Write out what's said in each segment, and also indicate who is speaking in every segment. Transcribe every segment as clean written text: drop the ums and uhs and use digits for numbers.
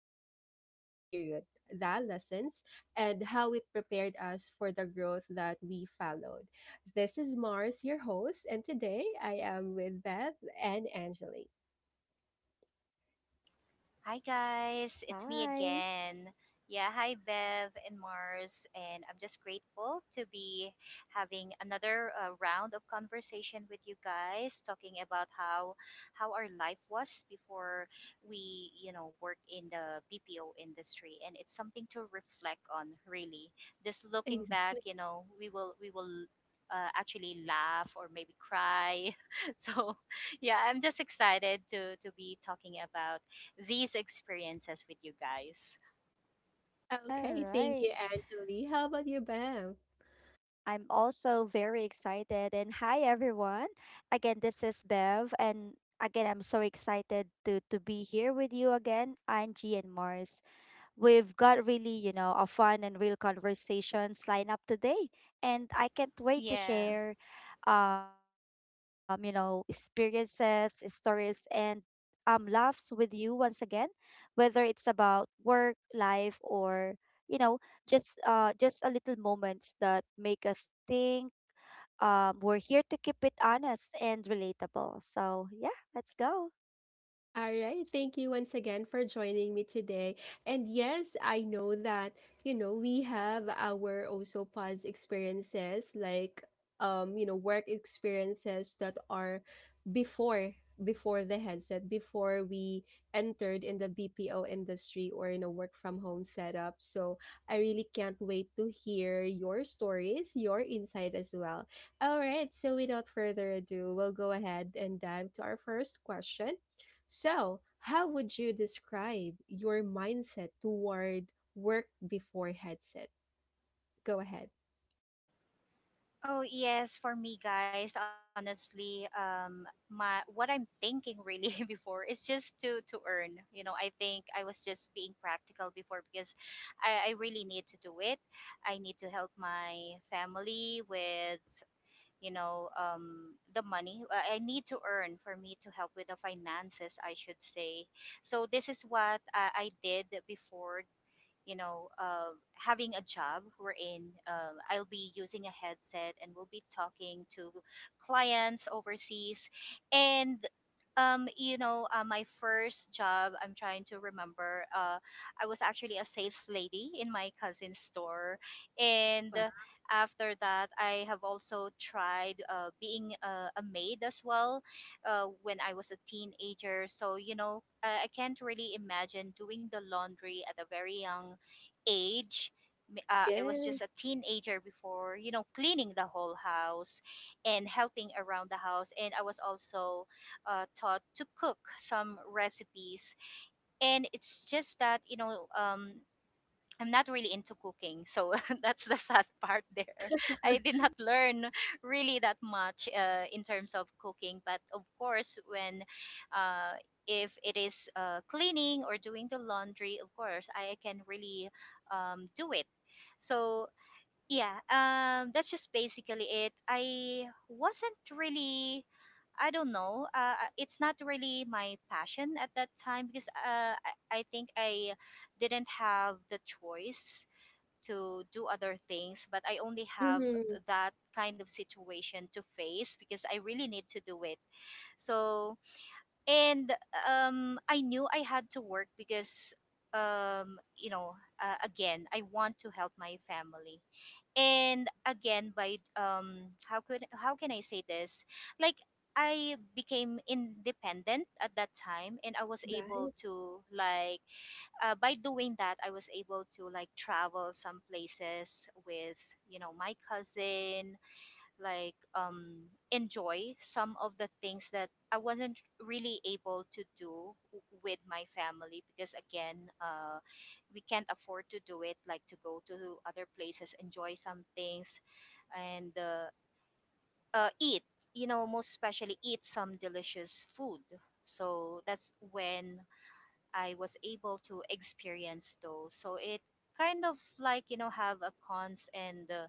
Speaker 1: to explore that period, the lessons, and how it prepared us for the growth that we followed. This is Mars, your host, and today I am with Bev, and Angeli.
Speaker 2: Hi guys, it's me
Speaker 3: Hi.
Speaker 2: again. Yeah, hi Bev and Mars, and I'm just grateful to be having another round of conversation with you guys, talking about how our life was before we worked in the BPO industry, and it's something to reflect on, really. Just looking back,
Speaker 1: Exactly.
Speaker 2: you know, we will we will. Actually laugh or maybe cry so yeah, I'm just excited to be talking about these experiences with you guys.
Speaker 3: All
Speaker 1: Okay, thank
Speaker 3: right.
Speaker 1: you, Angeli. How about you, Bam?
Speaker 3: I'm also very excited. And hi, everyone. Again, this is Bev. And again, I'm so excited to be here with you again, Angie and Mars. We've got really, you know, a fun and real conversations lined up today. And I can't wait to
Speaker 2: Yeah.
Speaker 3: share, you know, experiences, stories, and laughs with you once again, whether it's about work, life, or you know, just a little moments that make us think. We're here to keep it honest and relatable. So yeah, let's go.
Speaker 1: All right. Thank you once again for joining me today. And yes, I know that, we have our also past experiences like work experiences that are before before the headset, before we entered in the BPO industry or in a work from home setup. So I really can't wait to hear your stories, your insight as well. All right, so without further ado, we'll go ahead and dive to our first question, so how would you describe your mindset toward work before headset? Go ahead.
Speaker 2: Oh yes, for me guys, honestly, my what I'm thinking really before is just to earn. You know, I think I was just being practical before because I really need to do it. I need to help my family with the money. I need to earn for me to help with the finances, I should say. So this is what I did before, you know, having a job wherein I'll be using a headset and we'll be talking to clients overseas. And, my first job, I'm trying to remember, I was actually a sales lady in my cousin's store. And
Speaker 1: Wow.
Speaker 2: after that, I have also tried being a maid as well when I was a teenager. So, you know, I can't really imagine doing the laundry at a very young age. I was
Speaker 1: Yeah.
Speaker 2: just a teenager before, you know, cleaning the whole house and helping around the house, and I was also taught to cook some recipes. And it's just that, you know, I'm not really into cooking, so that's the sad part there. I did not learn really that much in terms of cooking, but of course, when uh, if it is cleaning or doing the laundry, of course, I can really do it. So yeah, that's just basically it. I wasn't really, I don't know, it's not really my passion at that time because I think I didn't have the choice to do other things, but I only have
Speaker 1: Hmm.
Speaker 2: that kind of situation to face because I really need to do it. So, and I knew I had to work because, um, you know, again, I want to help my family. And again, by how can I say this? Like, I became independent at that time, and I was able
Speaker 1: Right.
Speaker 2: to like by doing that, I was able to like travel some places with, you know, my cousin. Like, enjoy some of the things that I wasn't really able to do with my family because again, we can't afford to do it, like to go to other places, enjoy some things, and eat. You know, most especially eat some delicious food. So that's when I was able to experience those. So it kind of like, you know, have a cons and uh,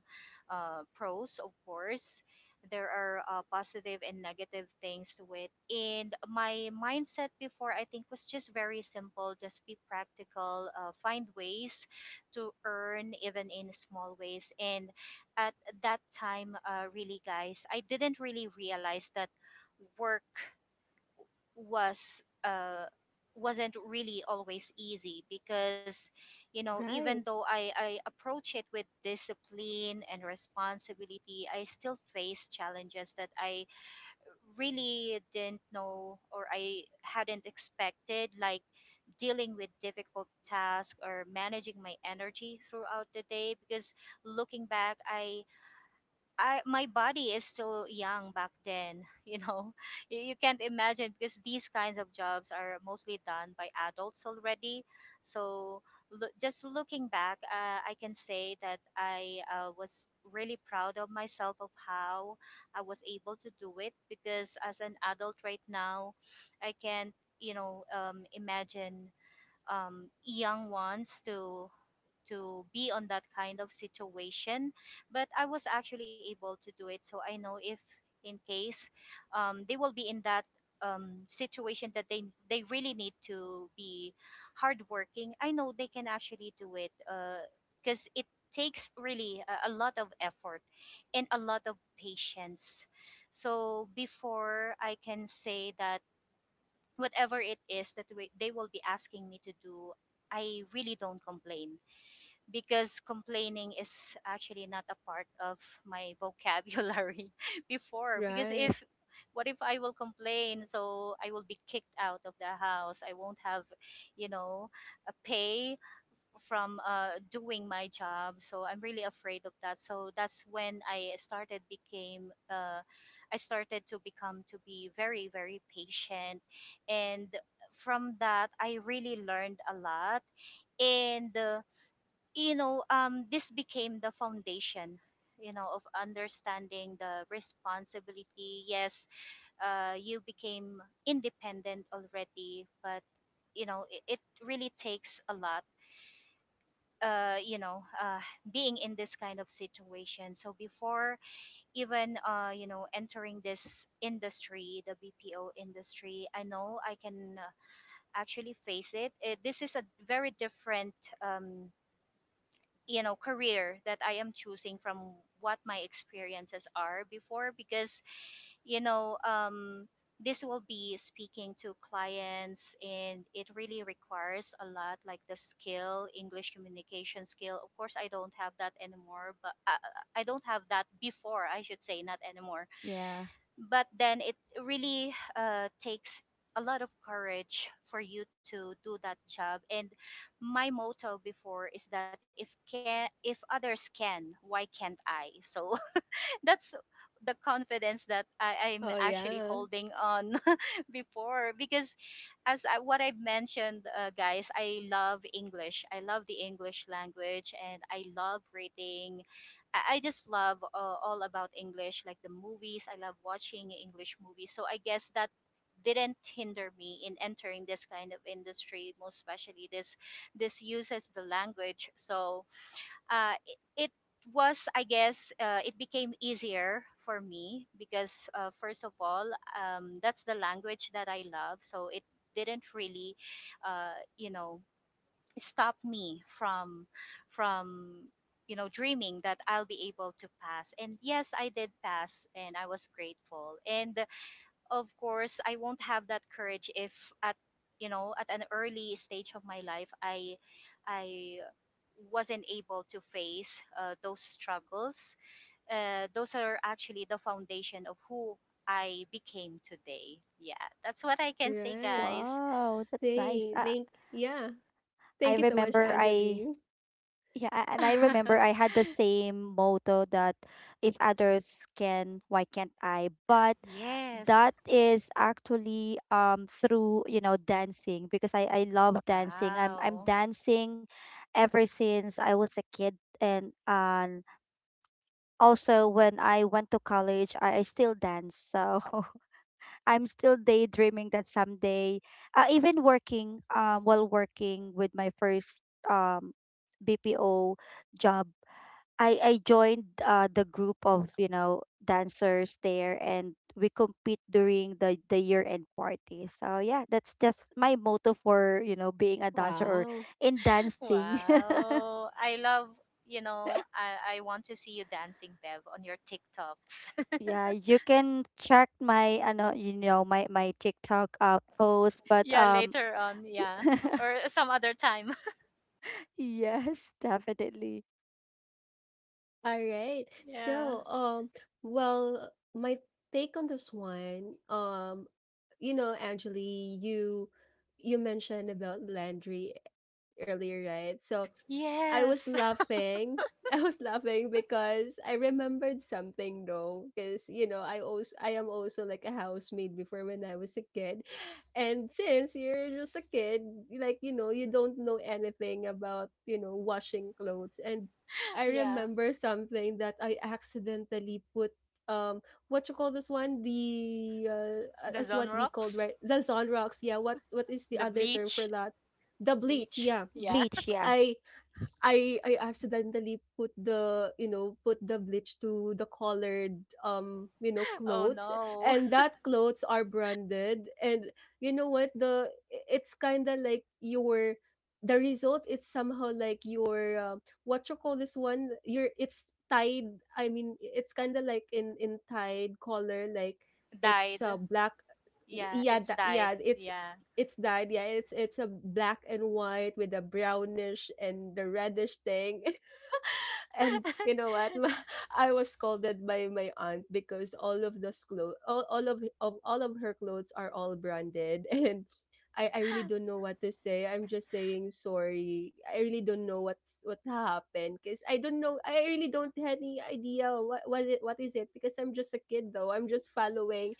Speaker 2: uh, pros. Of course, there are positive and negative things to it. And my mindset before, I think, was just very simple: just be practical, find ways to earn even in small ways. And at that time, really, guys, I didn't really realize that work was uh, wasn't really always easy because, you know, even
Speaker 1: Right.
Speaker 2: though I approach it with discipline and responsibility, I still face challenges that I really didn't know or I hadn't expected, like dealing with difficult tasks or managing my energy throughout the day. Because looking back, I my body is still young back then, you know. You can't imagine because these kinds of jobs are mostly done by adults already. So just looking back, I can say that I was really proud of myself of how I was able to do it because as an adult right now, I can't, you know, imagine young ones to be on that kind of situation, but I was actually able to do it. So I know if in case they will be in that situation, that they really need to be hardworking, I know they can actually do it because it takes really a lot of effort and a lot of patience. So before, I can say that whatever it is that they will be asking me to do, I really don't complain because complaining is actually not a part of my vocabulary before. Because
Speaker 1: Right.
Speaker 2: if what if I will complain, so I will be kicked out of the house, I won't have, you know, a pay from doing my job. So I'm really afraid of that. So that's when I started to become to be very very patient. And from that, I really learned a lot. And this became the foundation, you know, of understanding the responsibility. Yes, you became independent already, but you know, it really takes a lot. Uh, you know, uh, being in this kind of situation. So before even you know, entering this industry, the BPO industry, I know I can actually face it. This is a very different um, you know, career that I am choosing from what my experiences are before. Because, you know, this will be speaking to clients, and it really requires a lot, like the skill, English communication skill. Of course, I don't have that anymore, but I don't have that before, I should say, not anymore.
Speaker 3: Yeah.
Speaker 2: But then it really takes a lot of courage for you to do that job. And my motto before is that if others can, why can't I? So that's the confidence that I'm
Speaker 1: Oh
Speaker 2: actually
Speaker 1: yeah.
Speaker 2: holding on before. Because what I've mentioned, guys, I love English. I love the English language, and I love reading. I just love all about English, like the movies. I love watching English movies. So I guess that didn't hinder me in entering this kind of industry, most especially this this uses the language. So uh, it, it was, I guess, it became easier for me because, first of all, that's the language that I love. So it didn't really, uh, you know, stop me from, you know, dreaming that I'll be able to pass. And yes, I did pass, and I was grateful. And of course, I won't have that courage if at, you know, at an early stage of my life, I wasn't able to face those struggles. Those are actually the foundation of who I became today. Yeah, that's what I can say,
Speaker 1: Right.
Speaker 2: guys.
Speaker 3: Wow, that's nice.
Speaker 1: Say thank yeah.
Speaker 3: I
Speaker 1: Thank you so much,
Speaker 3: remember I
Speaker 1: Angeline.
Speaker 3: Yeah, and I remember I had the same motto that if others can, why can't I? But
Speaker 2: Yes.
Speaker 3: that is actually through, you know, dancing because I love dancing. I'm
Speaker 2: Wow.
Speaker 3: dancing ever since I was a kid and also when I went to college, I still dance. So I'm still daydreaming that someday, even working while working with my first BPO job I joined the group of, you know, dancers there, and we compete during the year end party. So yeah, that's just my motto for, you know, being a dancer or
Speaker 1: Wow.
Speaker 3: in dancing.
Speaker 2: Wow, I love, you know, I want to see you dancing, Bev, on your TikToks.
Speaker 3: Yeah, you can check my, I know you know my TikTok post, but
Speaker 2: Yeah, later on, yeah. Or some other time.
Speaker 3: yes, definitely.
Speaker 1: All right.
Speaker 2: Yeah.
Speaker 1: So well, my take on this one, you know, Angeline, you mentioned about Landry earlier, right? So I was
Speaker 2: Yes.
Speaker 1: laughing. I was laughing because I remembered something though, because you know I also I am also like a housemaid before when I was a kid, and since you're just a kid, like you know you don't know anything about you know washing clothes, and I
Speaker 2: Yeah.
Speaker 1: remember something that I accidentally put um what you call this one, the
Speaker 2: The
Speaker 1: as
Speaker 2: Zone
Speaker 1: what we called
Speaker 2: Rocks.
Speaker 1: right, the Zolrox, yeah. What is the
Speaker 2: The
Speaker 1: other term for
Speaker 2: bleach.
Speaker 1: that? The bleach,
Speaker 2: Bleach.
Speaker 1: yeah.
Speaker 2: Yeah.
Speaker 3: Bleach. Yes,
Speaker 1: I I accidentally put the, you know, put the bleach to the colored, you know,
Speaker 2: Oh
Speaker 1: clothes,
Speaker 2: no.
Speaker 1: and that clothes are branded. And you know what? The it's kind of like your the result. It's somehow like your what you call this one. Your it's tied. I mean, it's kind of like in tied color. Like it's
Speaker 2: Died.
Speaker 1: black.
Speaker 2: Yeah,
Speaker 1: Yeah,
Speaker 2: it's
Speaker 1: that, yeah.
Speaker 2: died. Yeah.
Speaker 1: It's dyed, yeah. It's a black and white with a brownish and the reddish thing. And you know what? I was scolded by my aunt because all of those clothes, all of all of her clothes are all branded, and I really don't know what to say. I'm just saying sorry. I really don't know what's what happened because I don't know. I really don't have any idea what was it. What is it? Because I'm just a kid though. I'm just following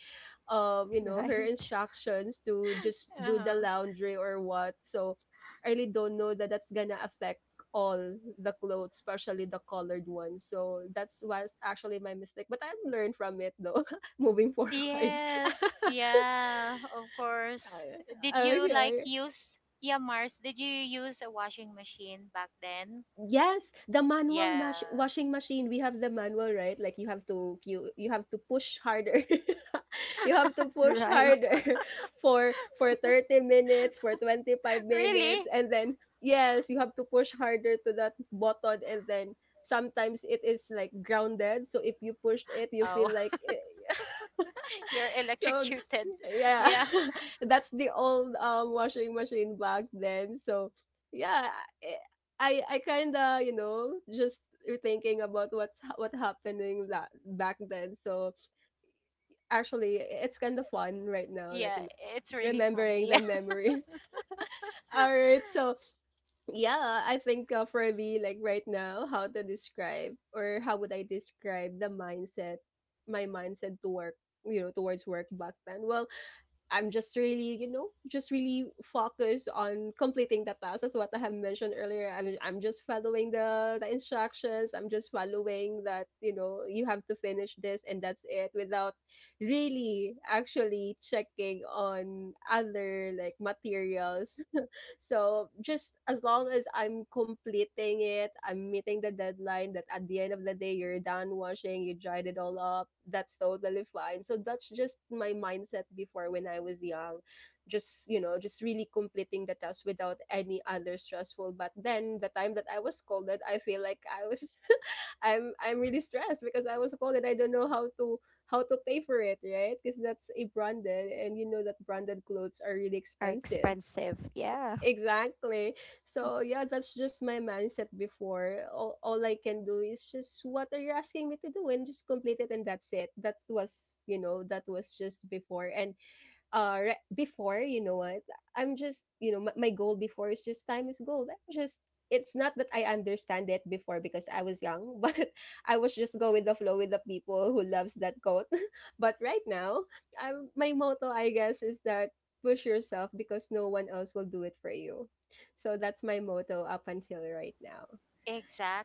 Speaker 1: you know her
Speaker 3: right,
Speaker 1: instructions to just do the
Speaker 2: Uh-huh.
Speaker 1: laundry or what. So I really don't know that that's gonna affect all the clothes, especially the colored ones, so that's was actually my mistake but I've learned from it though. Moving forward.
Speaker 2: Yes. Yeah, of course. Did you like
Speaker 1: Okay.
Speaker 2: use, yeah, Mars, did you use a washing machine back then?
Speaker 1: Yes, the manual
Speaker 2: Yeah.
Speaker 1: mash washing machine. We have the manual, right? Like you have to you have to push harder. You have to push
Speaker 3: right,
Speaker 1: harder. For 30 minutes, for 25 minutes,
Speaker 2: Really?
Speaker 1: and then yes, you have to push harder to that button and then sometimes it is like grounded. So if you pushed it, you feel
Speaker 2: Oh,
Speaker 1: like
Speaker 2: you're
Speaker 1: so
Speaker 2: electrocuted.
Speaker 1: yeah.
Speaker 2: Yeah.
Speaker 1: That's the old washing machine back then, so yeah. eh, I kind of you know just thinking about what's what happening that back then, so actually it's kind of fun right now, like
Speaker 2: Yeah,
Speaker 1: you know,
Speaker 2: it's really
Speaker 1: remembering
Speaker 2: funny.
Speaker 1: the memory. All right, so yeah, I think for me like right now how to describe or how would I describe the mindset my mindset to work you know towards work back then, well I'm just really, you know, just really focused on completing the task. That's what I have mentioned earlier. I'm just following the instructions. I'm just following that, you know, you have to finish this and that's it without really actually checking on other like materials. So just as long as I'm completing it, I'm meeting the deadline, that at the end of the day you're done washing, you dried it all up, that's totally fine. So that's just my mindset before when I was young. Just, you know, just really completing the task without any other stressful. But then the time that I was scolded, I feel like I was I'm really stressed because I was called and I don't know how to pay for it, right? Because that's a branded and you know that branded clothes are really
Speaker 3: are
Speaker 1: expensive.
Speaker 3: expensive. Yeah.
Speaker 1: Exactly. So yeah, that's just my mindset before. All I can do is just what are you asking me to do and just complete it and that's it. That was you know that was just before. And uh, right before, you know what, I'm just you know my goal before is just time is gold. I'm just it's not that I understand it before because I was young but I was just go with the flow with the people who loves that quote. But right now I'm my motto I guess is that push yourself because no one else will do it for you. So that's my motto up until right now.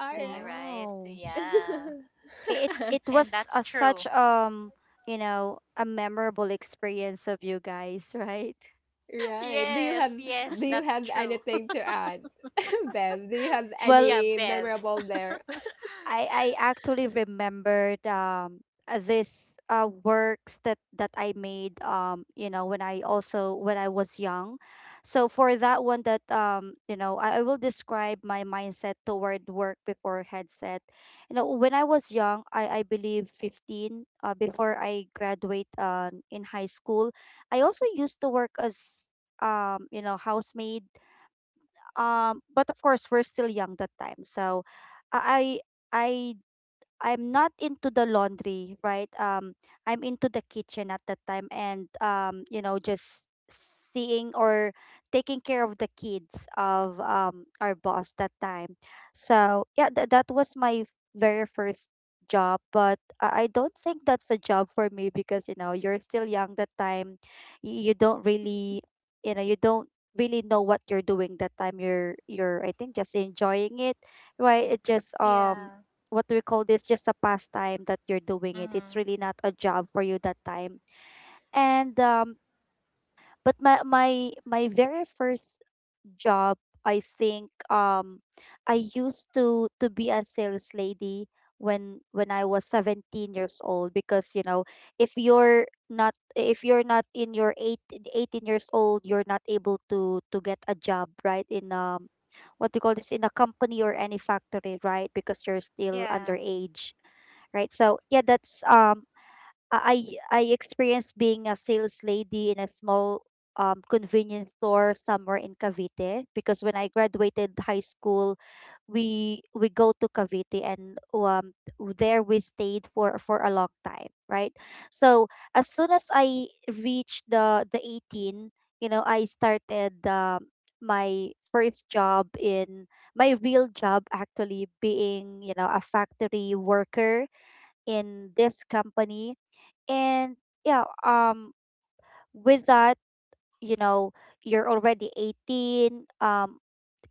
Speaker 1: All right.
Speaker 2: right?
Speaker 3: Wow.
Speaker 2: Yeah.
Speaker 3: It's it
Speaker 2: And
Speaker 3: was
Speaker 2: that's
Speaker 3: such
Speaker 2: true.
Speaker 3: you know, a memorable experience of you guys, right.
Speaker 1: Right.
Speaker 2: Yes, yes,
Speaker 1: Do you
Speaker 2: that's
Speaker 1: have
Speaker 2: true.
Speaker 1: anything to add? Bev, do you have
Speaker 3: Well,
Speaker 2: Yeah,
Speaker 1: any
Speaker 2: Bev.
Speaker 1: memorable there?
Speaker 3: I actually remembered this works that I made you know, when I also when I was young. So for that one, that you know, I will describe my mindset toward work before headset. You know, when I was young, I believe 15, before I graduate in high school, I also used to work as you know, housemaid, but of course, we're still young that time. So I I I I'm not into the laundry, right? I'm into the kitchen at that time, and you know, just seeing or taking care of the kids of our boss that time. So yeah, that was my very first job, but I don't think that's a job for me because you know, you're still young that time. You don't really, you know, you don't really know what you're doing that time. You're I think just enjoying it, right? It just
Speaker 2: Yeah.
Speaker 3: what do we call this, just a pastime that you're doing it. It's
Speaker 2: Mm-hmm.
Speaker 3: really not a job for you that time. And but my very first job, I think, I used to be a sales lady when I was 17 years old because you know, if you're not, if you're not in your eighteen years old, you're not able to get a job right in what do you call this, in a company or any factory, right? Because you're still
Speaker 2: Yeah.
Speaker 3: underage, right? So yeah, that's I experienced being a sales lady in a small convenience store somewhere in Cavite because when I graduated high school, we go to Cavite, and there we stayed for a long time, right? So as soon as I reached the 18, you know, I started my first job, in my real job, actually being, you know, a factory worker in this company. And yeah, with that, you know, you're already 18,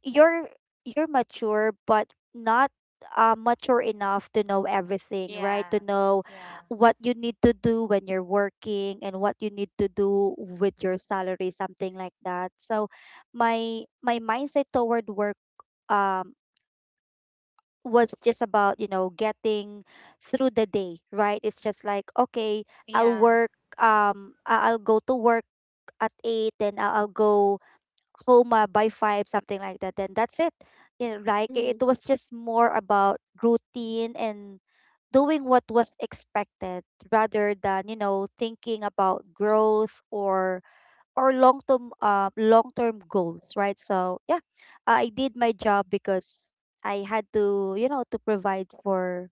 Speaker 3: you're you're mature, but not mature enough to know everything, right?
Speaker 2: Yeah.
Speaker 3: To know
Speaker 2: Yeah.
Speaker 3: what you need to do when you're working and what you need to do with your salary, something like that. So my mindset toward work, um was just about, you know, getting through the day, right? It's just like, okay, I'll
Speaker 2: Yeah.
Speaker 3: work, I'll go to work at 8, then I'll go home by 5, something like that, then that's it. You know, like,
Speaker 1: Mm-hmm.
Speaker 3: it was just more about routine and doing what was expected, rather than, you know, thinking about growth or long term goals, right? So yeah, I did my job because I had to, you know, to provide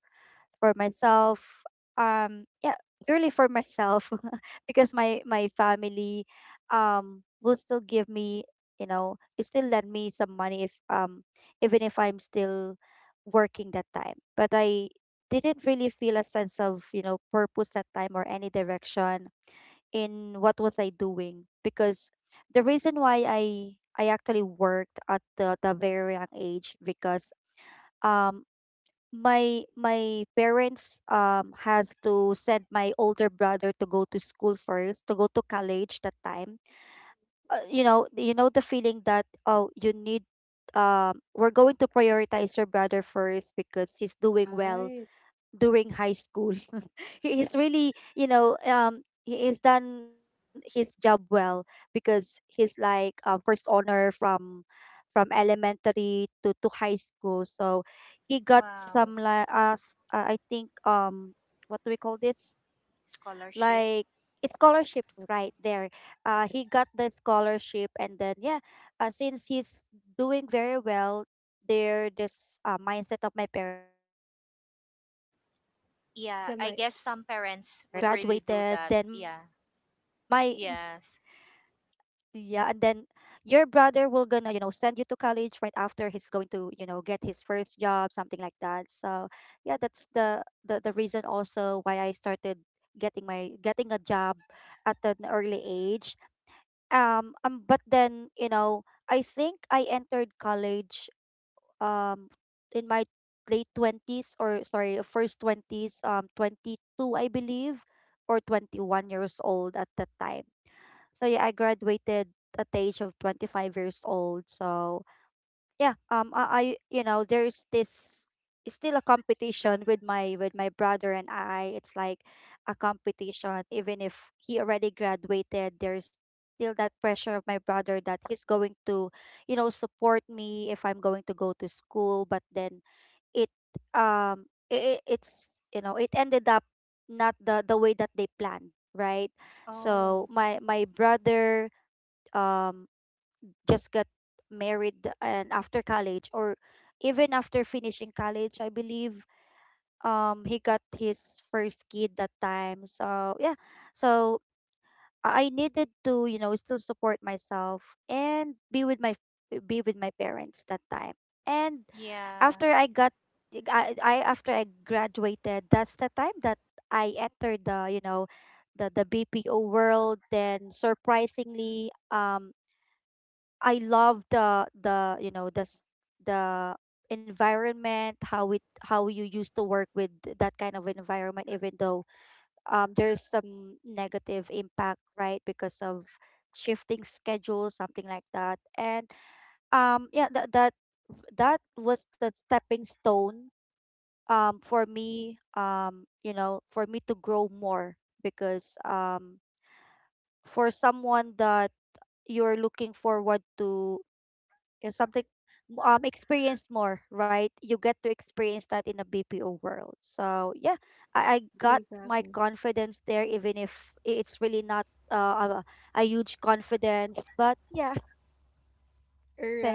Speaker 3: for myself, yeah, purely for myself. Because my family will still give me, you know, it still lend me some money if even if I'm still working that time, but I didn't really feel a sense of, you know, purpose that time or any direction in what was I doing. Because the reason why I actually worked at the very young age, because um my parents has to send my older brother to go to school first, to go to college that time. You know, you know the feeling that, oh, you need, we're going to prioritize your brother first because he's doing well
Speaker 1: Right.
Speaker 3: during high school. He is really, you know, he has done his job well because he's like first honor from elementary to high school. So he got some
Speaker 2: Wow.
Speaker 3: like us, I think, what do we call this,
Speaker 2: Scholarship.
Speaker 3: like a scholarship right there. He got the scholarship, and then yeah, since he's doing very well, there this mindset of my parents that if my brother will
Speaker 2: Yeah,
Speaker 1: The
Speaker 2: I
Speaker 1: my
Speaker 3: gonna,
Speaker 2: guess
Speaker 3: you
Speaker 2: some
Speaker 3: know,
Speaker 2: parents
Speaker 3: complete,
Speaker 2: would really do that. Yeah.
Speaker 3: graduated, then my,
Speaker 2: Yes.
Speaker 3: yeah, and then your brother will gonna, you know, send you to college right after he's going to, you know, get his first job, something like that. So yeah, that's the reason also why I started getting my, getting a job at an early age, but then, you know, I think I entered college um in my late 20s, or sorry, first 20s, 22 I believe, or 21 years old at that time. So yeah, I graduated at the age of 25 years old. So yeah, I, you know, there's this, it's still a competition with my, with my brother, and I, it's like a competition, even if he already graduated, there's still that pressure of my brother, that he's going to, you know, support me if I'm going to go to school, but then it, it's, you know, it ended up not the way that they planned, right? So
Speaker 2: Oh,
Speaker 3: my brother um just got married, and after college, or even after finishing college, I believe, he got his first kid that time. So yeah, so I needed to, you know, still support myself, and be with my, be with my parents that time. And
Speaker 2: yeah.
Speaker 3: after I, after I graduated, that's the time that I entered the, you know, the BPO world, then surprisingly, I love the, you know, the s- the environment, how it, how you used to work with that kind of environment, even though there's some negative impact, right, because of shifting schedules, something like that. And yeah, that was the stepping stone for me, you know, for me to grow more because for someone that you're looking forward to something experience more, right? You get to experience that in a BPO world. So yeah, I got my
Speaker 1: exactly.
Speaker 3: confidence there, even if it's really not uh, a, a huge confidence, but yeah.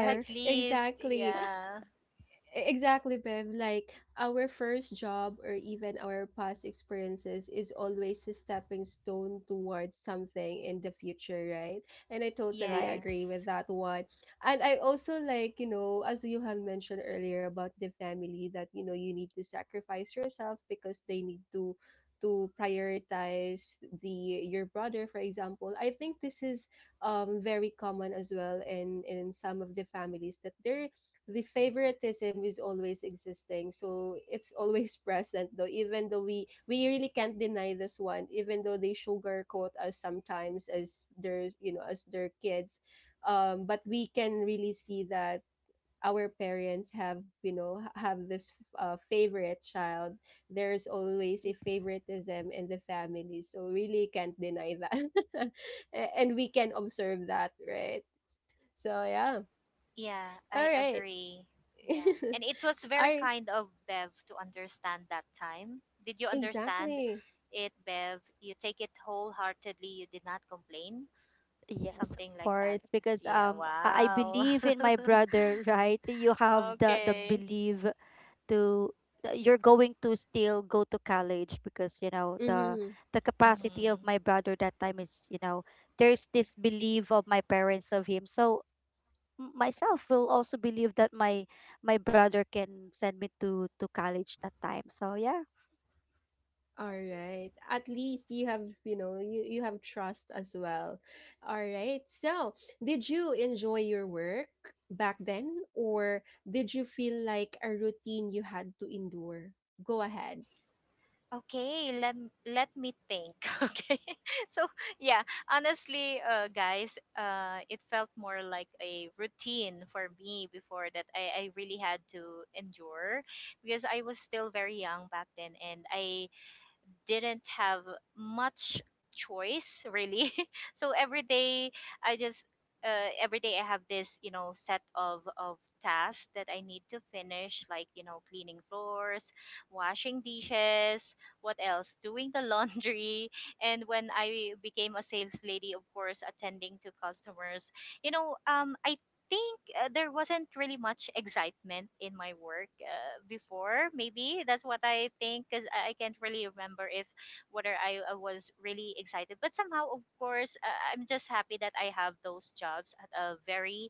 Speaker 2: At least,
Speaker 1: Exactly.
Speaker 2: yeah.
Speaker 1: Exactly, Bev. Like our first job or even our past experiences is always a stepping stone towards something in the future, right? And I totally
Speaker 3: right.
Speaker 1: agree
Speaker 2: Yes.
Speaker 1: with that one. And I also like, you know, as you have mentioned earlier about the family that, you know, you need to sacrifice yourself because they need to prioritize the your brother, for example. I think this is very common as well in some of the families, that they're the favoritism is always existing, so it's always present though, even though we really can't deny this one, even though they sugarcoat us sometimes as their you know as their kids, but we can really see that our parents have you know have this favorite child. There is always a favoritism in the family, so really can't deny that. A- and we can observe that, right? So yeah.
Speaker 2: Yeah,
Speaker 1: All
Speaker 2: I
Speaker 1: right.
Speaker 2: agree. Yeah. And it was very
Speaker 1: Are
Speaker 2: kind of Bev to understand that time. Did you understand
Speaker 1: exactly.
Speaker 2: it, Bev? You take it wholeheartedly, you did not complain?
Speaker 3: Yes, of
Speaker 2: Something like that.
Speaker 3: course, because
Speaker 2: Yeah,
Speaker 3: I
Speaker 2: wow.
Speaker 3: believe in my brother, right? You have the
Speaker 2: Okay.
Speaker 3: belief to that you're going to still go to college, because you know the
Speaker 1: Mm-hmm.
Speaker 3: the capacity of
Speaker 2: Mm-hmm.
Speaker 3: my brother that time is, you know, there's this belief of my parents of him, so myself will also believe that my brother can send me to college that time. So yeah.
Speaker 1: All right. At least you have, you know, you have trust as well. All right. So, did you enjoy your work back then, or did you feel like a routine you had to endure? Go ahead.
Speaker 2: Okay, let let me think. Okay. So, yeah, honestly, guys, it felt more like a routine for me before that I really had to endure because I was still very young back then, and I didn't have much choice really. So i just every day, I have this, you know, set of tasks that I need to finish, like, you know, cleaning floors, washing dishes, what else, doing the laundry. And when I became a sales lady, of course, attending to customers, you know, I think there wasn't really much excitement in my work before. Maybe that's what I think, because I can't really remember if whether I was really excited. But somehow, of course, I'm just happy that I have those jobs at a very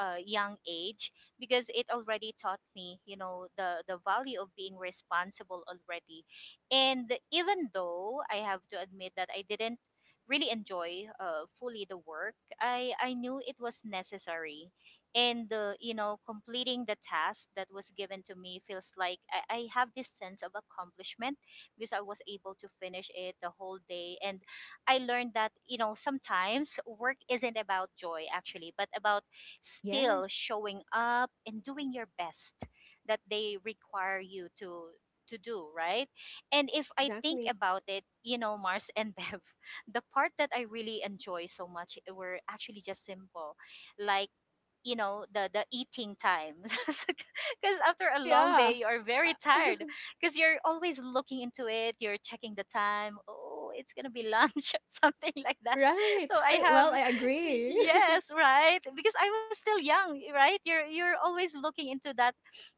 Speaker 2: young age because it already taught me, you know, the value of being responsible already. And even though I have to admit that I didn't really enjoy fully the work, I knew it was necessary. And completing the task that was given to me feels like I have this sense of accomplishment because I was able to finish it the whole day. And I learned that sometimes work isn't about joy actually, but about still
Speaker 1: Yes,
Speaker 2: showing up and doing your best that they require you to do, right? And if I think
Speaker 1: exactly.
Speaker 2: about it, Mars and Bev, the part that I really enjoy so much were actually just simple, like the eating time because after a
Speaker 1: Oh,
Speaker 2: long day
Speaker 1: yeah.
Speaker 2: you are very tired, because you're always looking into it, you're checking the time, oh it's gonna be lunch something like that.
Speaker 1: Right.
Speaker 2: So I
Speaker 1: I-
Speaker 2: have,
Speaker 1: Well, I agree.
Speaker 2: yes, right, because I was still young, right? You're always looking into that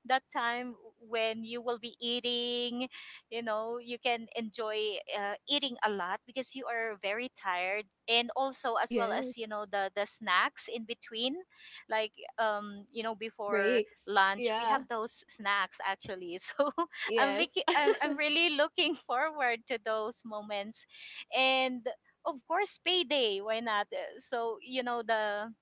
Speaker 2: that time when you will be eating. You know you can enjoy eating a lot because you are very tired, and also as well
Speaker 1: Yes.
Speaker 2: as the snacks in between, like
Speaker 1: The
Speaker 2: before
Speaker 1: breaks.
Speaker 2: lunch we have
Speaker 1: Yeah.
Speaker 2: those snacks actually so
Speaker 1: Yes.
Speaker 2: I'm really looking forward to those moments. And of course, payday, why not? So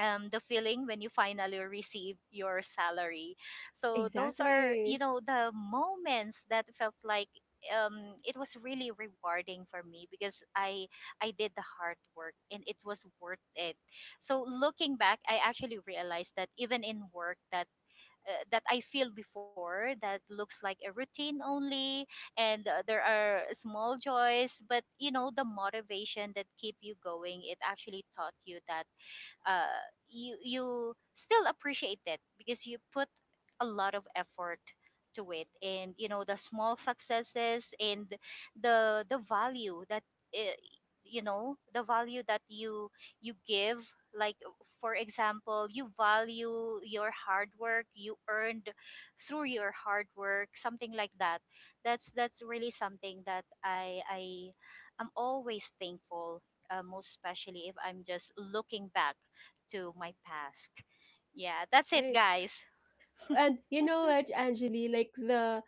Speaker 2: the feeling when you finally receive your salary. So those are,
Speaker 1: Exactly.
Speaker 2: the moments that felt like it was really rewarding for me because I did the hard work and it was worth it. So looking back, I actually realized that even in work that that I feel before that looks like a routine only, and there are small joys, but the motivation that keep you going, it actually taught you that uh, you still appreciate it because you put a lot of effort to it. And the small successes and the value that uh, the value that you give, like for example, you value your hard work you earned through your hard work, something like that. That's really something that i am always thankful, most especially if I'm just looking back to my past. Yeah, that's it,
Speaker 1: Right.
Speaker 2: guys.
Speaker 1: And you know what, Angeli, like the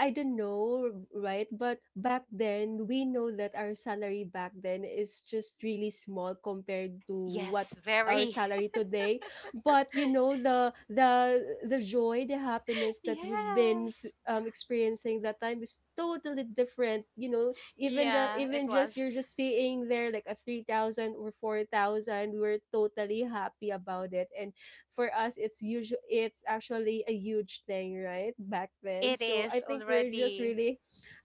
Speaker 1: I don't know, right? But back then, we know that our salary back then is just really small compared to what
Speaker 2: Yes,
Speaker 1: our
Speaker 2: very.
Speaker 1: salary today. But you know the the joy, the happiness that we've been
Speaker 2: Yes.
Speaker 1: experiencing that time is totally different. You know, even the
Speaker 2: Yeah, it
Speaker 1: even just
Speaker 2: was.
Speaker 1: you're just seeing there like a 3,000 or 4,000, we were totally happy about it, and for us it's usual, it's actually a huge thing right back then.
Speaker 2: It
Speaker 1: So I
Speaker 2: is
Speaker 1: think we're just
Speaker 2: already.
Speaker 1: really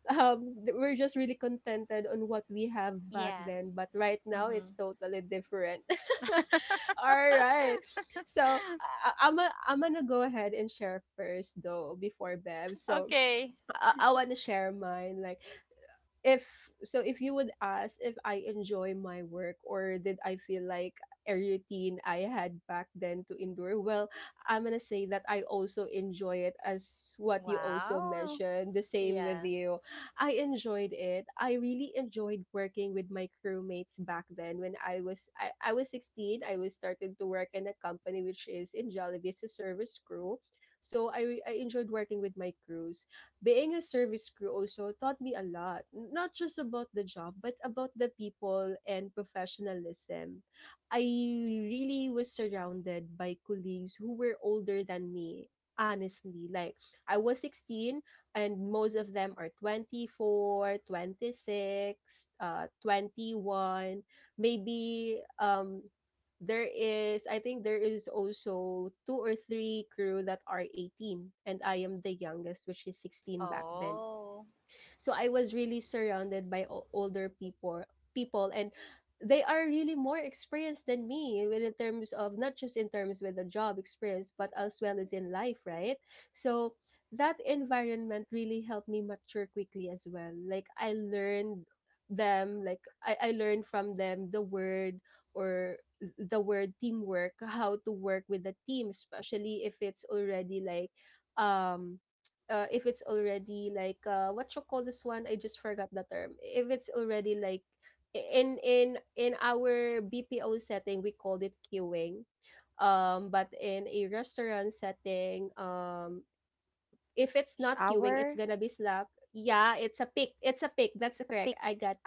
Speaker 1: we're just really contented on what we have back
Speaker 2: Yeah.
Speaker 1: then, but right now
Speaker 2: Mm-hmm.
Speaker 1: it's totally different. All right, so I'm a, I'm gonna go ahead and share first though before Bev. So
Speaker 2: Okay.
Speaker 1: I want to share mine like if so if you would ask if I enjoy my work or did I feel like a routine I had back then to endure, well I'm gonna say that I also enjoy it as what you also
Speaker 2: Wow.
Speaker 1: mentioned the same with
Speaker 2: Yeah.
Speaker 1: you. I enjoyed it. I really enjoyed working with my crewmates back then when I was I was 16. I was starting to work in a company which is in Jollibee as a service crew. So I enjoyed working with my crew. Being a service crew also taught me a lot, not just about the job, but about the people and professionalism. I really was surrounded by colleagues who were older than me, honestly. Like, I was 16, and most of them are 24, 26, 26, 21, maybe there is I think there is also two or three crew that are 18, and I am the youngest which is 16 back then.
Speaker 2: Oh.
Speaker 1: So I was really surrounded by older people, and they are really more experienced than me in terms of, not just in terms with the job experience, but as well as in life, right? So that environment really helped me mature quickly as well. Like I learned from them the word or the word teamwork, how to work with the team, especially if it's already like um if it's already like what you call this one? I just forgot the term. If it's already like in our BPO setting, we called it queuing. But in a restaurant setting, if it's
Speaker 3: Rush
Speaker 1: not queuing, it's
Speaker 3: hour.
Speaker 1: gonna be slack. Yeah, it's a pick. It's a pick. That's correct.
Speaker 3: Pick.
Speaker 1: I got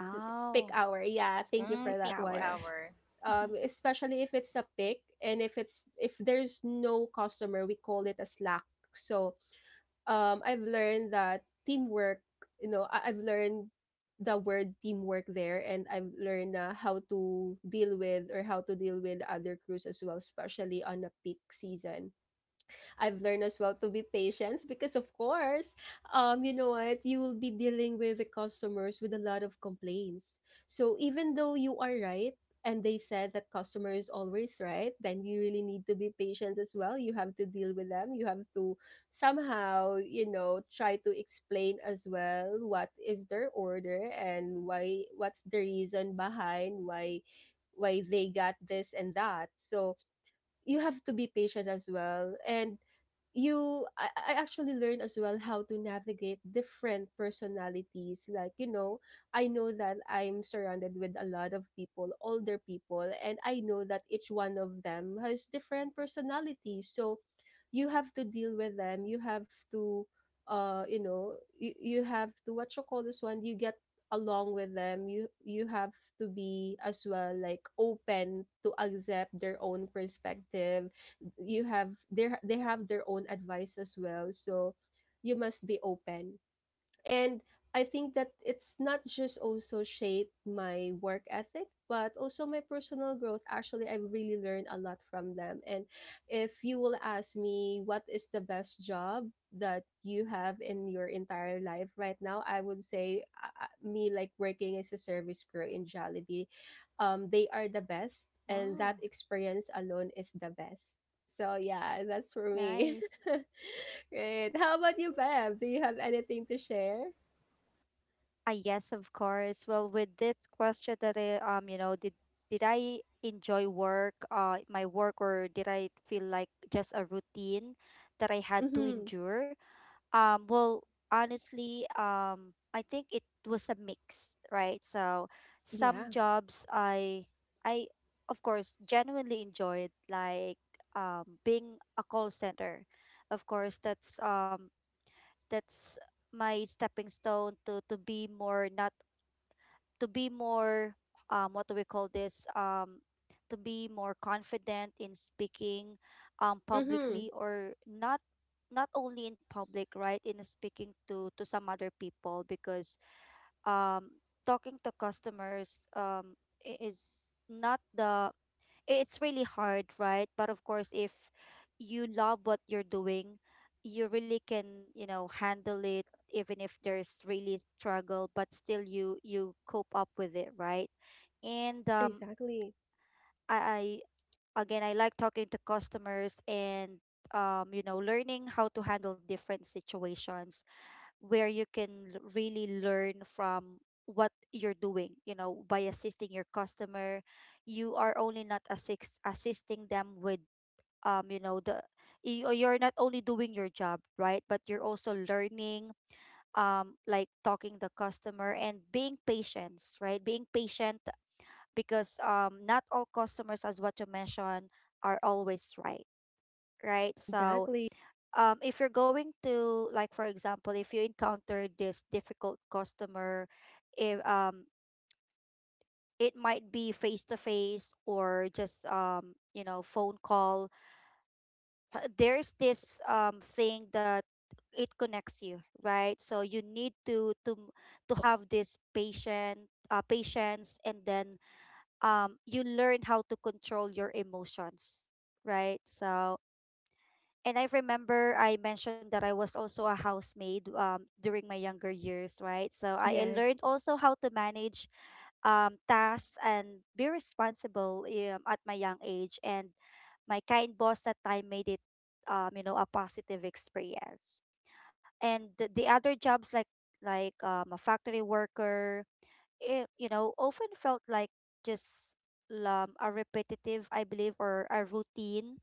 Speaker 1: pick
Speaker 3: Oh,
Speaker 1: hour. Yeah, thank you for
Speaker 3: pick
Speaker 2: Mm,
Speaker 1: that
Speaker 2: peak
Speaker 1: one.
Speaker 3: hour.
Speaker 2: hour.
Speaker 1: Especially if it's a pick, and if it's if there's no customer, we call it a slack. So I've learned that teamwork, I've learned the word teamwork there, and I've learned how to deal with, other crews as well, especially on a peak season. I've learned as well to be patient because, of course, you will be dealing with the customers with a lot of complaints. So even though you are right, and they said that customer is always right, then you really need to be patient as well. You have to deal with them. You have to somehow, you know, try to explain as well what is their order and why, what's the reason behind why they got this and that. So you have to be patient as well. And I actually learned as well how to navigate different personalities, like, you know, I know that I'm surrounded with a lot of people, older people, and I know that each one of them has different personalities. So you have to deal with them. You have to uh you know you have to, what you call this one, you get along with them. You have to be as well, like, open to accept their own perspective. You have they have their own advice as well. So you must be open. And I think that it's not just also shaped my work ethic, but also my personal growth. Actually, I've really learned a lot from them. And if you will ask me what is the best job that you have in your entire life right now, I would say me, like, working as a service crew in Jollibee. They are the best, and that
Speaker 3: Wow.
Speaker 1: experience alone is the best. So yeah, that's for me.
Speaker 3: Nice.
Speaker 1: Right. How about you, Bev? Do you have anything to share?
Speaker 3: Ah, yes, of course. Well, with this question that I, you know, did I enjoy work, my work, or did I feel like just a routine that I had to
Speaker 1: Mm-hmm.
Speaker 3: endure? Well, honestly, I think it was a mix, right? So,
Speaker 1: Yeah.
Speaker 3: some jobs I of course genuinely enjoyed, like being a call center. Of course, that's my stepping stone to be more, not to be more what do we call this, to be more confident in speaking
Speaker 1: Mm-hmm.
Speaker 3: publicly, or not, not only in public, right, in speaking to some other people. Because um talking to customers, is not the, it's really hard, right? But of course, if you love what you're doing, you really can, you know, handle it even if there's really struggle, but still you cope up with it, right? And
Speaker 1: Exactly.
Speaker 3: I again I like talking to customers and you know learning how to handle different situations where you can really learn from what you're doing, you know, by assisting your customer. You are only not assisting them with you know the you're not only doing your job, right, but you're also learning, like talking the customer and being patience, right, being patient, because not all customers, as what you mentioned, are always right, right. So
Speaker 1: Exactly.
Speaker 3: if you're going to, like, for example, if you encounter this difficult customer, if it might be face to face or just you know, phone call, there's this thing that it connects you, right, so you need to to have this patient, patience, and then you learn how to control your emotions, right. So and I remember I mentioned that I was also a housemaid during my younger years, right? So I
Speaker 1: Yes.
Speaker 3: learned also how to manage tasks and be responsible at my young age. And my kind boss that time made it, you know, a positive experience. And the other jobs like a factory worker, it, you know, often felt like just a repetitive, I believe, or a routine,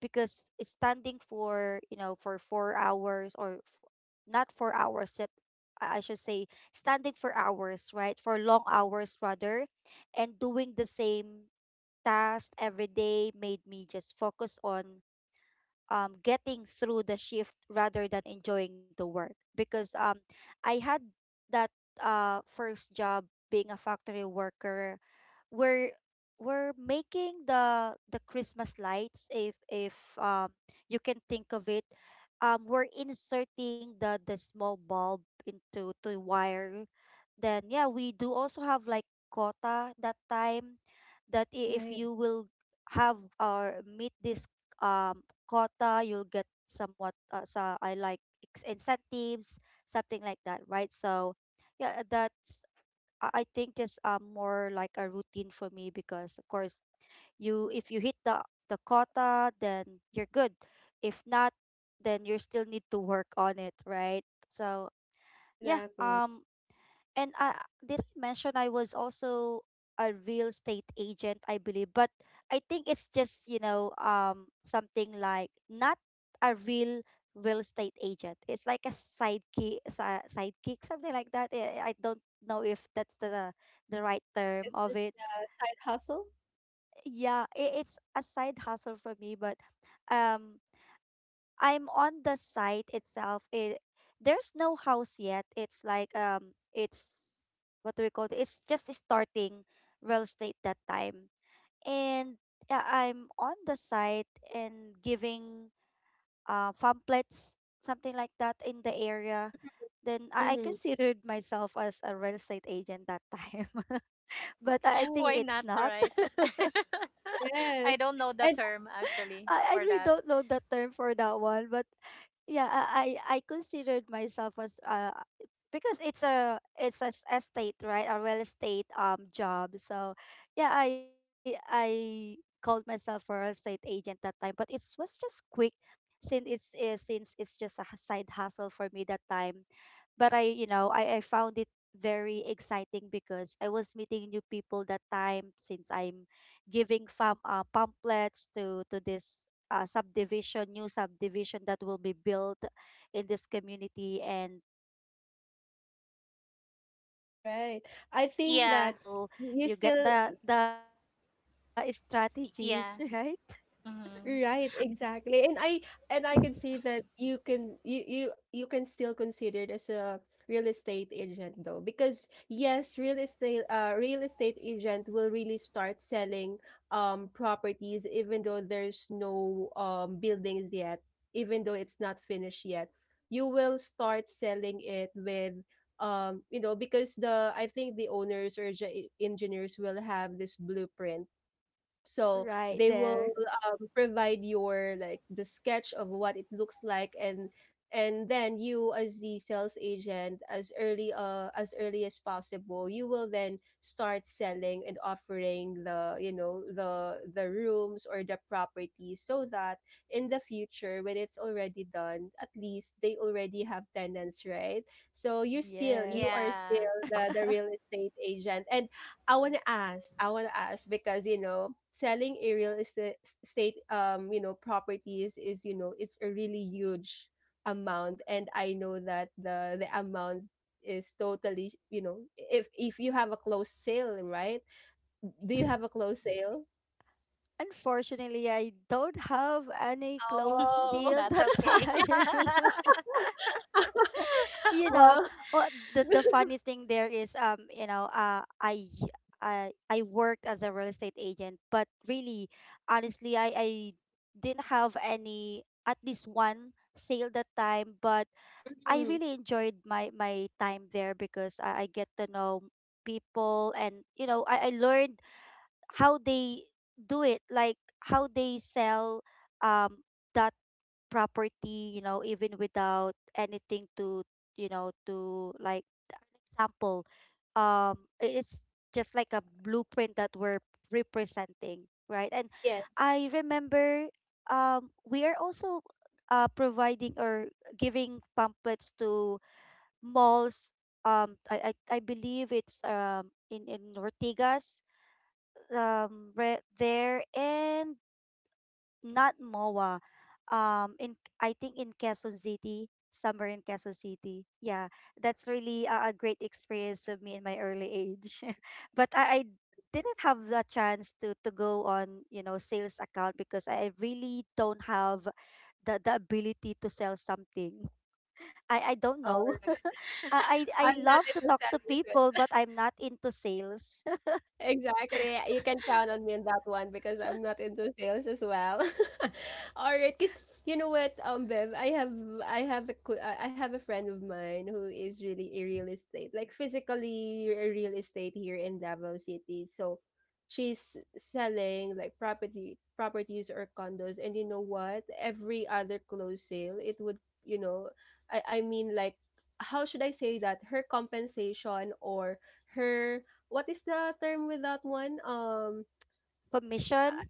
Speaker 3: because standing for, you know, for 4 hours or not 4 hours yet, I should say, standing for hours, right, for long hours rather, and doing the same task every day made me just focus on getting through the shift rather than enjoying the work because I had that first job being a factory worker where we're making the Christmas lights, if you can think of it, we're inserting the small bulb into to wire, then yeah, we do also have like quota that time that if
Speaker 1: Right.
Speaker 3: you will have or meet this um quota, you'll get somewhat so I like incentives, something like that, right? So yeah, that's I think is more like a routine for me, because of course, you, if you hit the quota, then you're good. If not, then you still need to work on it, right? So yeah,
Speaker 1: Exactly.
Speaker 3: and I, did I mention I was also a real estate agent, I believe. But I think it's just, you know, something like not a real real estate agent. It's like a sidekick, sidekick, something like that. I don't know if that's the right term
Speaker 1: It's
Speaker 3: of
Speaker 1: just
Speaker 3: it.
Speaker 1: a side hustle.
Speaker 3: Yeah, I it's a side hustle for me, but um I'm on the site itself. It there's no house yet. It's like it's, what do we call it? It's just starting real estate that time. And yeah, I'm on the site and giving pamphlets, something like that, in the area.
Speaker 1: Mm-hmm.
Speaker 3: Then I
Speaker 1: Mm-hmm.
Speaker 3: considered myself as a real estate agent that time. But I think
Speaker 1: Right.
Speaker 2: Why
Speaker 3: it's
Speaker 2: not,
Speaker 3: not.
Speaker 2: right?
Speaker 1: Yes.
Speaker 2: I don't know the
Speaker 1: And
Speaker 2: term actually
Speaker 3: I
Speaker 2: for
Speaker 3: really
Speaker 2: that.
Speaker 3: don't know the term for that one. But yeah, I considered myself as because it's a estate, right, a real estate job. So yeah, I called myself a real estate agent that time, but it was just quick, since it's just a side hustle for me that time. But I, you know, I found it very exciting because I was meeting new people that time, since I'm giving fam pamphlets to this subdivision, new subdivision that will be built in this community, and learning also sales skills, right? You get
Speaker 1: right.
Speaker 3: to know
Speaker 1: I think
Speaker 2: Yeah.
Speaker 1: that
Speaker 3: people, you get
Speaker 1: you still
Speaker 3: the strategies, right?
Speaker 2: Yeah. Mm-hmm.
Speaker 1: Right,
Speaker 3: Mhm.
Speaker 1: exactly. And I can see that you can still consider it as a real estate agent, though, because yes, real estate, real estate agent will really start selling properties, even though there's no buildings yet, even though it's not finished yet. You will start selling it with, you know, because the, I think the owners or engineers will have this blueprint. So
Speaker 3: Right
Speaker 1: they
Speaker 3: there.
Speaker 1: will provide your, like, the sketch of what it looks like. And then you, as the sales agent, as early as early as possible, you will then start selling and offering the, you know, the rooms or the property, so that in the future, when it's already done, at least they already have tenants, right? So you still, you are
Speaker 3: Yes.
Speaker 2: Yeah.
Speaker 1: still the real estate agent. And I want to ask. I want to ask because, you know, selling a real estate state, you know, properties is, you know, it's a really huge amount. And I know that the amount is totally, you know, if you have a closed sale, right? Do you have a closed sale?
Speaker 3: Unfortunately, I don't have any close
Speaker 1: Oh,
Speaker 3: deal
Speaker 2: That's
Speaker 3: that
Speaker 2: okay.
Speaker 3: time. You know,
Speaker 1: well,
Speaker 3: what the funny thing there is, you know, I I worked as a real estate agent, but really, honestly, I didn't have any at least one sale that time. But I
Speaker 1: mm,
Speaker 3: really enjoyed my my time there, because I get to know people, and you know I learned how they do it, like how they sell um that property, you know, even without anything to, you know, to like an example, it's just like a blueprint that we're representing, right. And
Speaker 1: yes,
Speaker 3: I remember we are also providing or giving pamphlets to malls, I believe it's in ortigas there, and not MOA. In, I think, in Quezon City, somewhere in Quezon City. Yeah, that's really a great experience of me in my early age. But I didn't have the chance to go on, you know, sales account, because I really don't have the ability to sell something. I don't
Speaker 1: or
Speaker 3: know. I I
Speaker 1: I'm not
Speaker 3: love to
Speaker 1: into
Speaker 3: talk to
Speaker 1: selling as
Speaker 3: people,
Speaker 1: well.
Speaker 3: but I'm not into sales.
Speaker 1: Exactly, yeah, you can count on me on that one because I'm not into sales as well. Alright, cause you know what, Bev, I have a I have a friend of mine who is really a real estate, like, physically a real estate here in Davao City. So she's selling like property properties or condos, and you know what? Every other closed sale, it would, you know, I mean, like, how should I say that? Her compensation or her, what is the term with that one? Uh,
Speaker 3: Commission?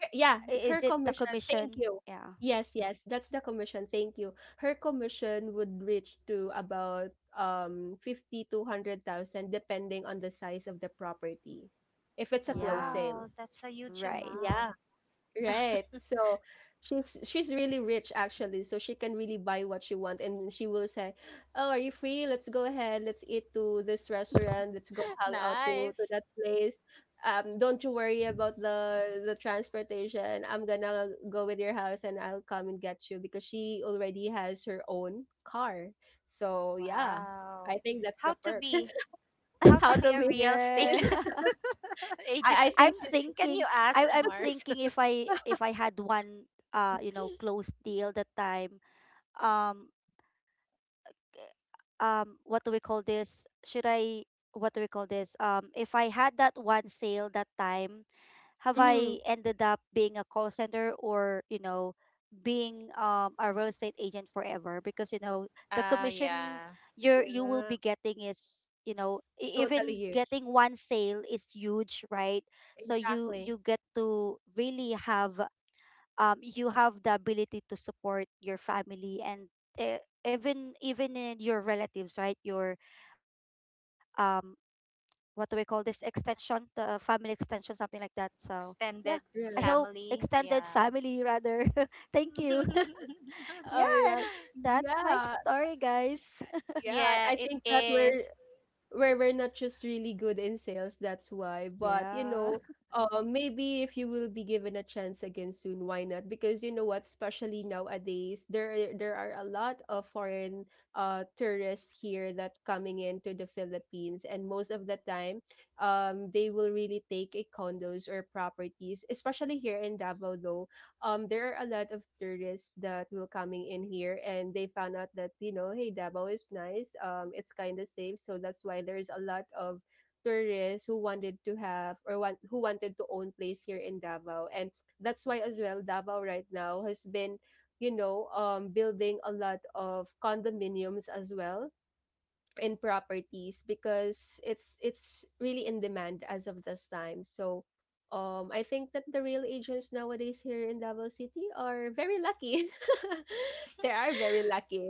Speaker 1: yeah, her
Speaker 3: Is it the
Speaker 1: commission. Thank
Speaker 3: commission?
Speaker 1: you.
Speaker 3: Yeah.
Speaker 1: Yes, yes, that's the commission. Thank you. Her commission would reach to about 50 to 100,000, depending on the size of the property. If it's a close
Speaker 3: Yeah.
Speaker 2: Wow,
Speaker 1: sale.
Speaker 2: that's a huge
Speaker 3: Right.
Speaker 2: amount.
Speaker 1: Yeah. Right. So she's really rich, actually. So she can really buy what she want, and she will say, "Oh, are you free? Let's go ahead. Let's eat to this restaurant. Let's go hang out to
Speaker 2: Nice.
Speaker 1: that place. Don't you worry about the transportation. I'm gonna go with your house and I'll come and get you, because she already has her own car. So yeah, I
Speaker 2: Wow.
Speaker 1: think that's
Speaker 2: How
Speaker 1: the
Speaker 2: to
Speaker 1: perks.
Speaker 2: be how to
Speaker 1: How
Speaker 2: be
Speaker 1: to
Speaker 2: a
Speaker 1: be
Speaker 2: real estate
Speaker 3: Yeah.
Speaker 1: she's
Speaker 2: agent?
Speaker 1: I
Speaker 3: I'm
Speaker 1: think she's
Speaker 2: Can
Speaker 3: thinking
Speaker 2: you ask
Speaker 3: I'm
Speaker 2: Mars?
Speaker 3: thinking if I, if I had one you know, closed deal that time, um what do we call this, should I what do we call this, if I had that one sale that time, have I
Speaker 1: mm,
Speaker 3: ended up being a call center or, you know, being a real estate agent forever, because you know the
Speaker 2: Uh,
Speaker 3: commission
Speaker 2: yeah.
Speaker 3: you will
Speaker 1: yeah,
Speaker 3: be getting is, you know,
Speaker 1: totally
Speaker 3: even
Speaker 1: huge.
Speaker 3: getting one sale is huge, right? So you
Speaker 1: Exactly.
Speaker 3: you get to really have you have the ability to support your family, and uh, even even in your relatives, right? Your um, what do we call this, extension? The family extension, something like that. So yeah,
Speaker 2: Extended
Speaker 3: I hope,
Speaker 1: Right.
Speaker 2: family.
Speaker 3: extended
Speaker 2: Yeah.
Speaker 3: family rather. Thank you.
Speaker 1: All
Speaker 3: Yeah,
Speaker 1: right.
Speaker 3: and that's my
Speaker 1: Yeah.
Speaker 3: story, guys.
Speaker 1: Yeah.
Speaker 2: Yeah,
Speaker 1: I
Speaker 2: it
Speaker 1: think that
Speaker 2: is.
Speaker 1: we're not just really good in sales, that's why. But, you
Speaker 3: Yeah,
Speaker 1: know, maybe if you will be given a chance again soon, why not? Because you know what, especially nowadays, there are a lot of foreign tourists here that coming into the Philippines, and most of the time, they will really take a condos or properties, especially here in Davao, though there are a lot of tourists that will coming in here, and they found out that, you know, hey, Davao is nice, it's kind of safe, so that's why there's a lot of tourists who wanted to have or want, who wanted to own place here in Davao. And that's why as well Davao right now has been, you know, building a lot of condominiums as well in properties, because it's really in demand as of this time. So I think that the real agents nowadays here in Davao City are very lucky. They are very lucky.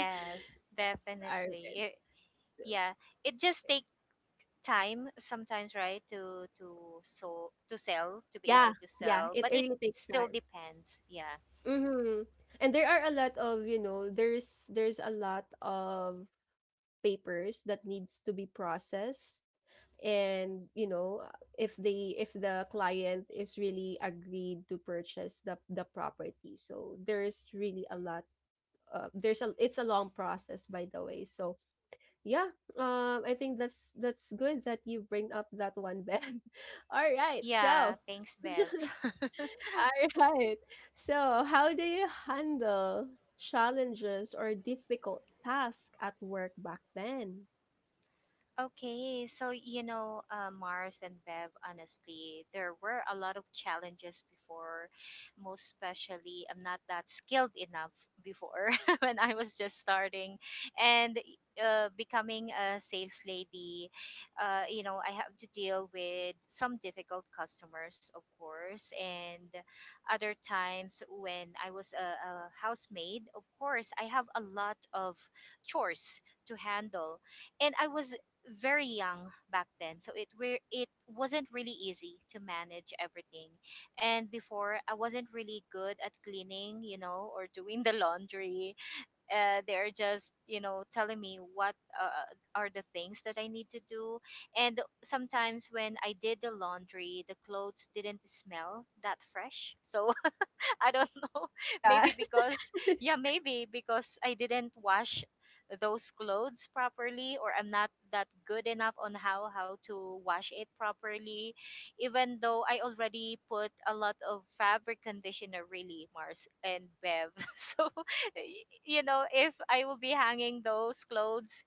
Speaker 3: right.
Speaker 1: are
Speaker 2: definitely. It, yeah. It just takes time sometimes, right? To so to sell, to be
Speaker 1: yeah,
Speaker 2: able to
Speaker 1: yeah,
Speaker 2: sell,
Speaker 1: it
Speaker 2: but it
Speaker 1: really takes
Speaker 2: still
Speaker 1: time.
Speaker 2: depends, yeah.
Speaker 1: Mm-hmm. And there are a lot of, you know, there's a lot of papers that needs to be processed. And you know if the client is really agreed to purchase the property, so there is really a lot, there's a it's a long process, by the way. So yeah, I think that's good that you bring up that one, Ben. All right.
Speaker 2: Yeah,
Speaker 1: So
Speaker 2: thanks Bev.
Speaker 1: All right. So how do you handle challenges or difficult tasks at work back then?
Speaker 2: Okay, so you know, Mars and Bev, honestly, there were a lot of challenges before. Most especially, I'm not that skilled enough before when I was just starting and becoming a sales lady. You know, I have to deal with some difficult customers, of course, and other times when I was a, housemaid, of course, I have a lot of chores to handle, and I was very young back then, so it wasn't really easy to manage everything. And before, I wasn't really good at cleaning, you know, or doing the laundry. They're just, you know, telling me what uh, are the things that I need to do. And sometimes when I did the laundry, the clothes didn't smell that fresh, so I don't know.
Speaker 1: Yeah.
Speaker 2: Maybe because, yeah, maybe because I didn't wash those clothes properly, or I'm not that good enough on how to wash it properly, even though I already put a lot of fabric conditioner, really, Mars and Bev. So you know, if I will be hanging those clothes,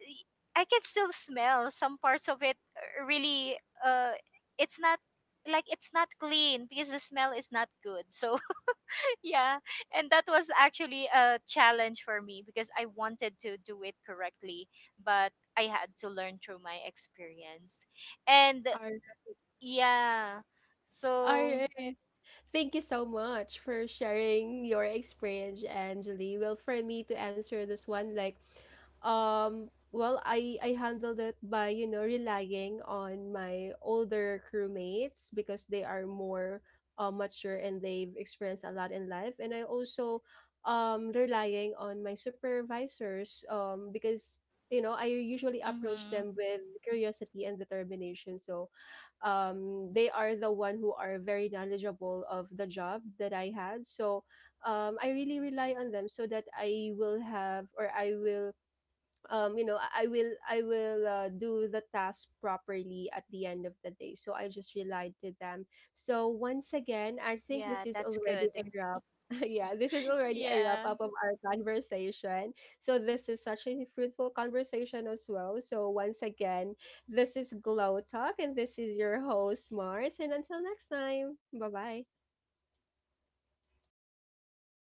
Speaker 2: y- I can still smell some parts of it, really. uh it's not, like, it's not clean because the smell is not good. So yeah, and that was actually a challenge for me because I wanted to do it correctly, but I had to learn through my experience. And
Speaker 1: All
Speaker 2: yeah, so
Speaker 1: right. Thank you so much for sharing your experience, Angeli. Well, for me to answer this one, like, well, I handled it by, you know, relying on my older crewmates, because they are more mature and they've experienced a lot in life. And I also, relying on my supervisors, because, you know, I usually approach
Speaker 2: mhm,
Speaker 1: them with curiosity and determination. So they are the one who are very knowledgeable of the job that I had. So I really rely on them so that I will have, or I will, I will I will do the task properly at the end of the day. So I just relied to them. So once again, I think this
Speaker 2: yeah,
Speaker 1: is
Speaker 2: that's
Speaker 1: already
Speaker 2: good.
Speaker 1: a wrap. Yeah, this is already a wrap
Speaker 2: Yeah.
Speaker 1: up of our conversation. So this is such a fruitful conversation as well. So once again, this is Glow Talk, and this is your host Mars, and until next time, bye bye.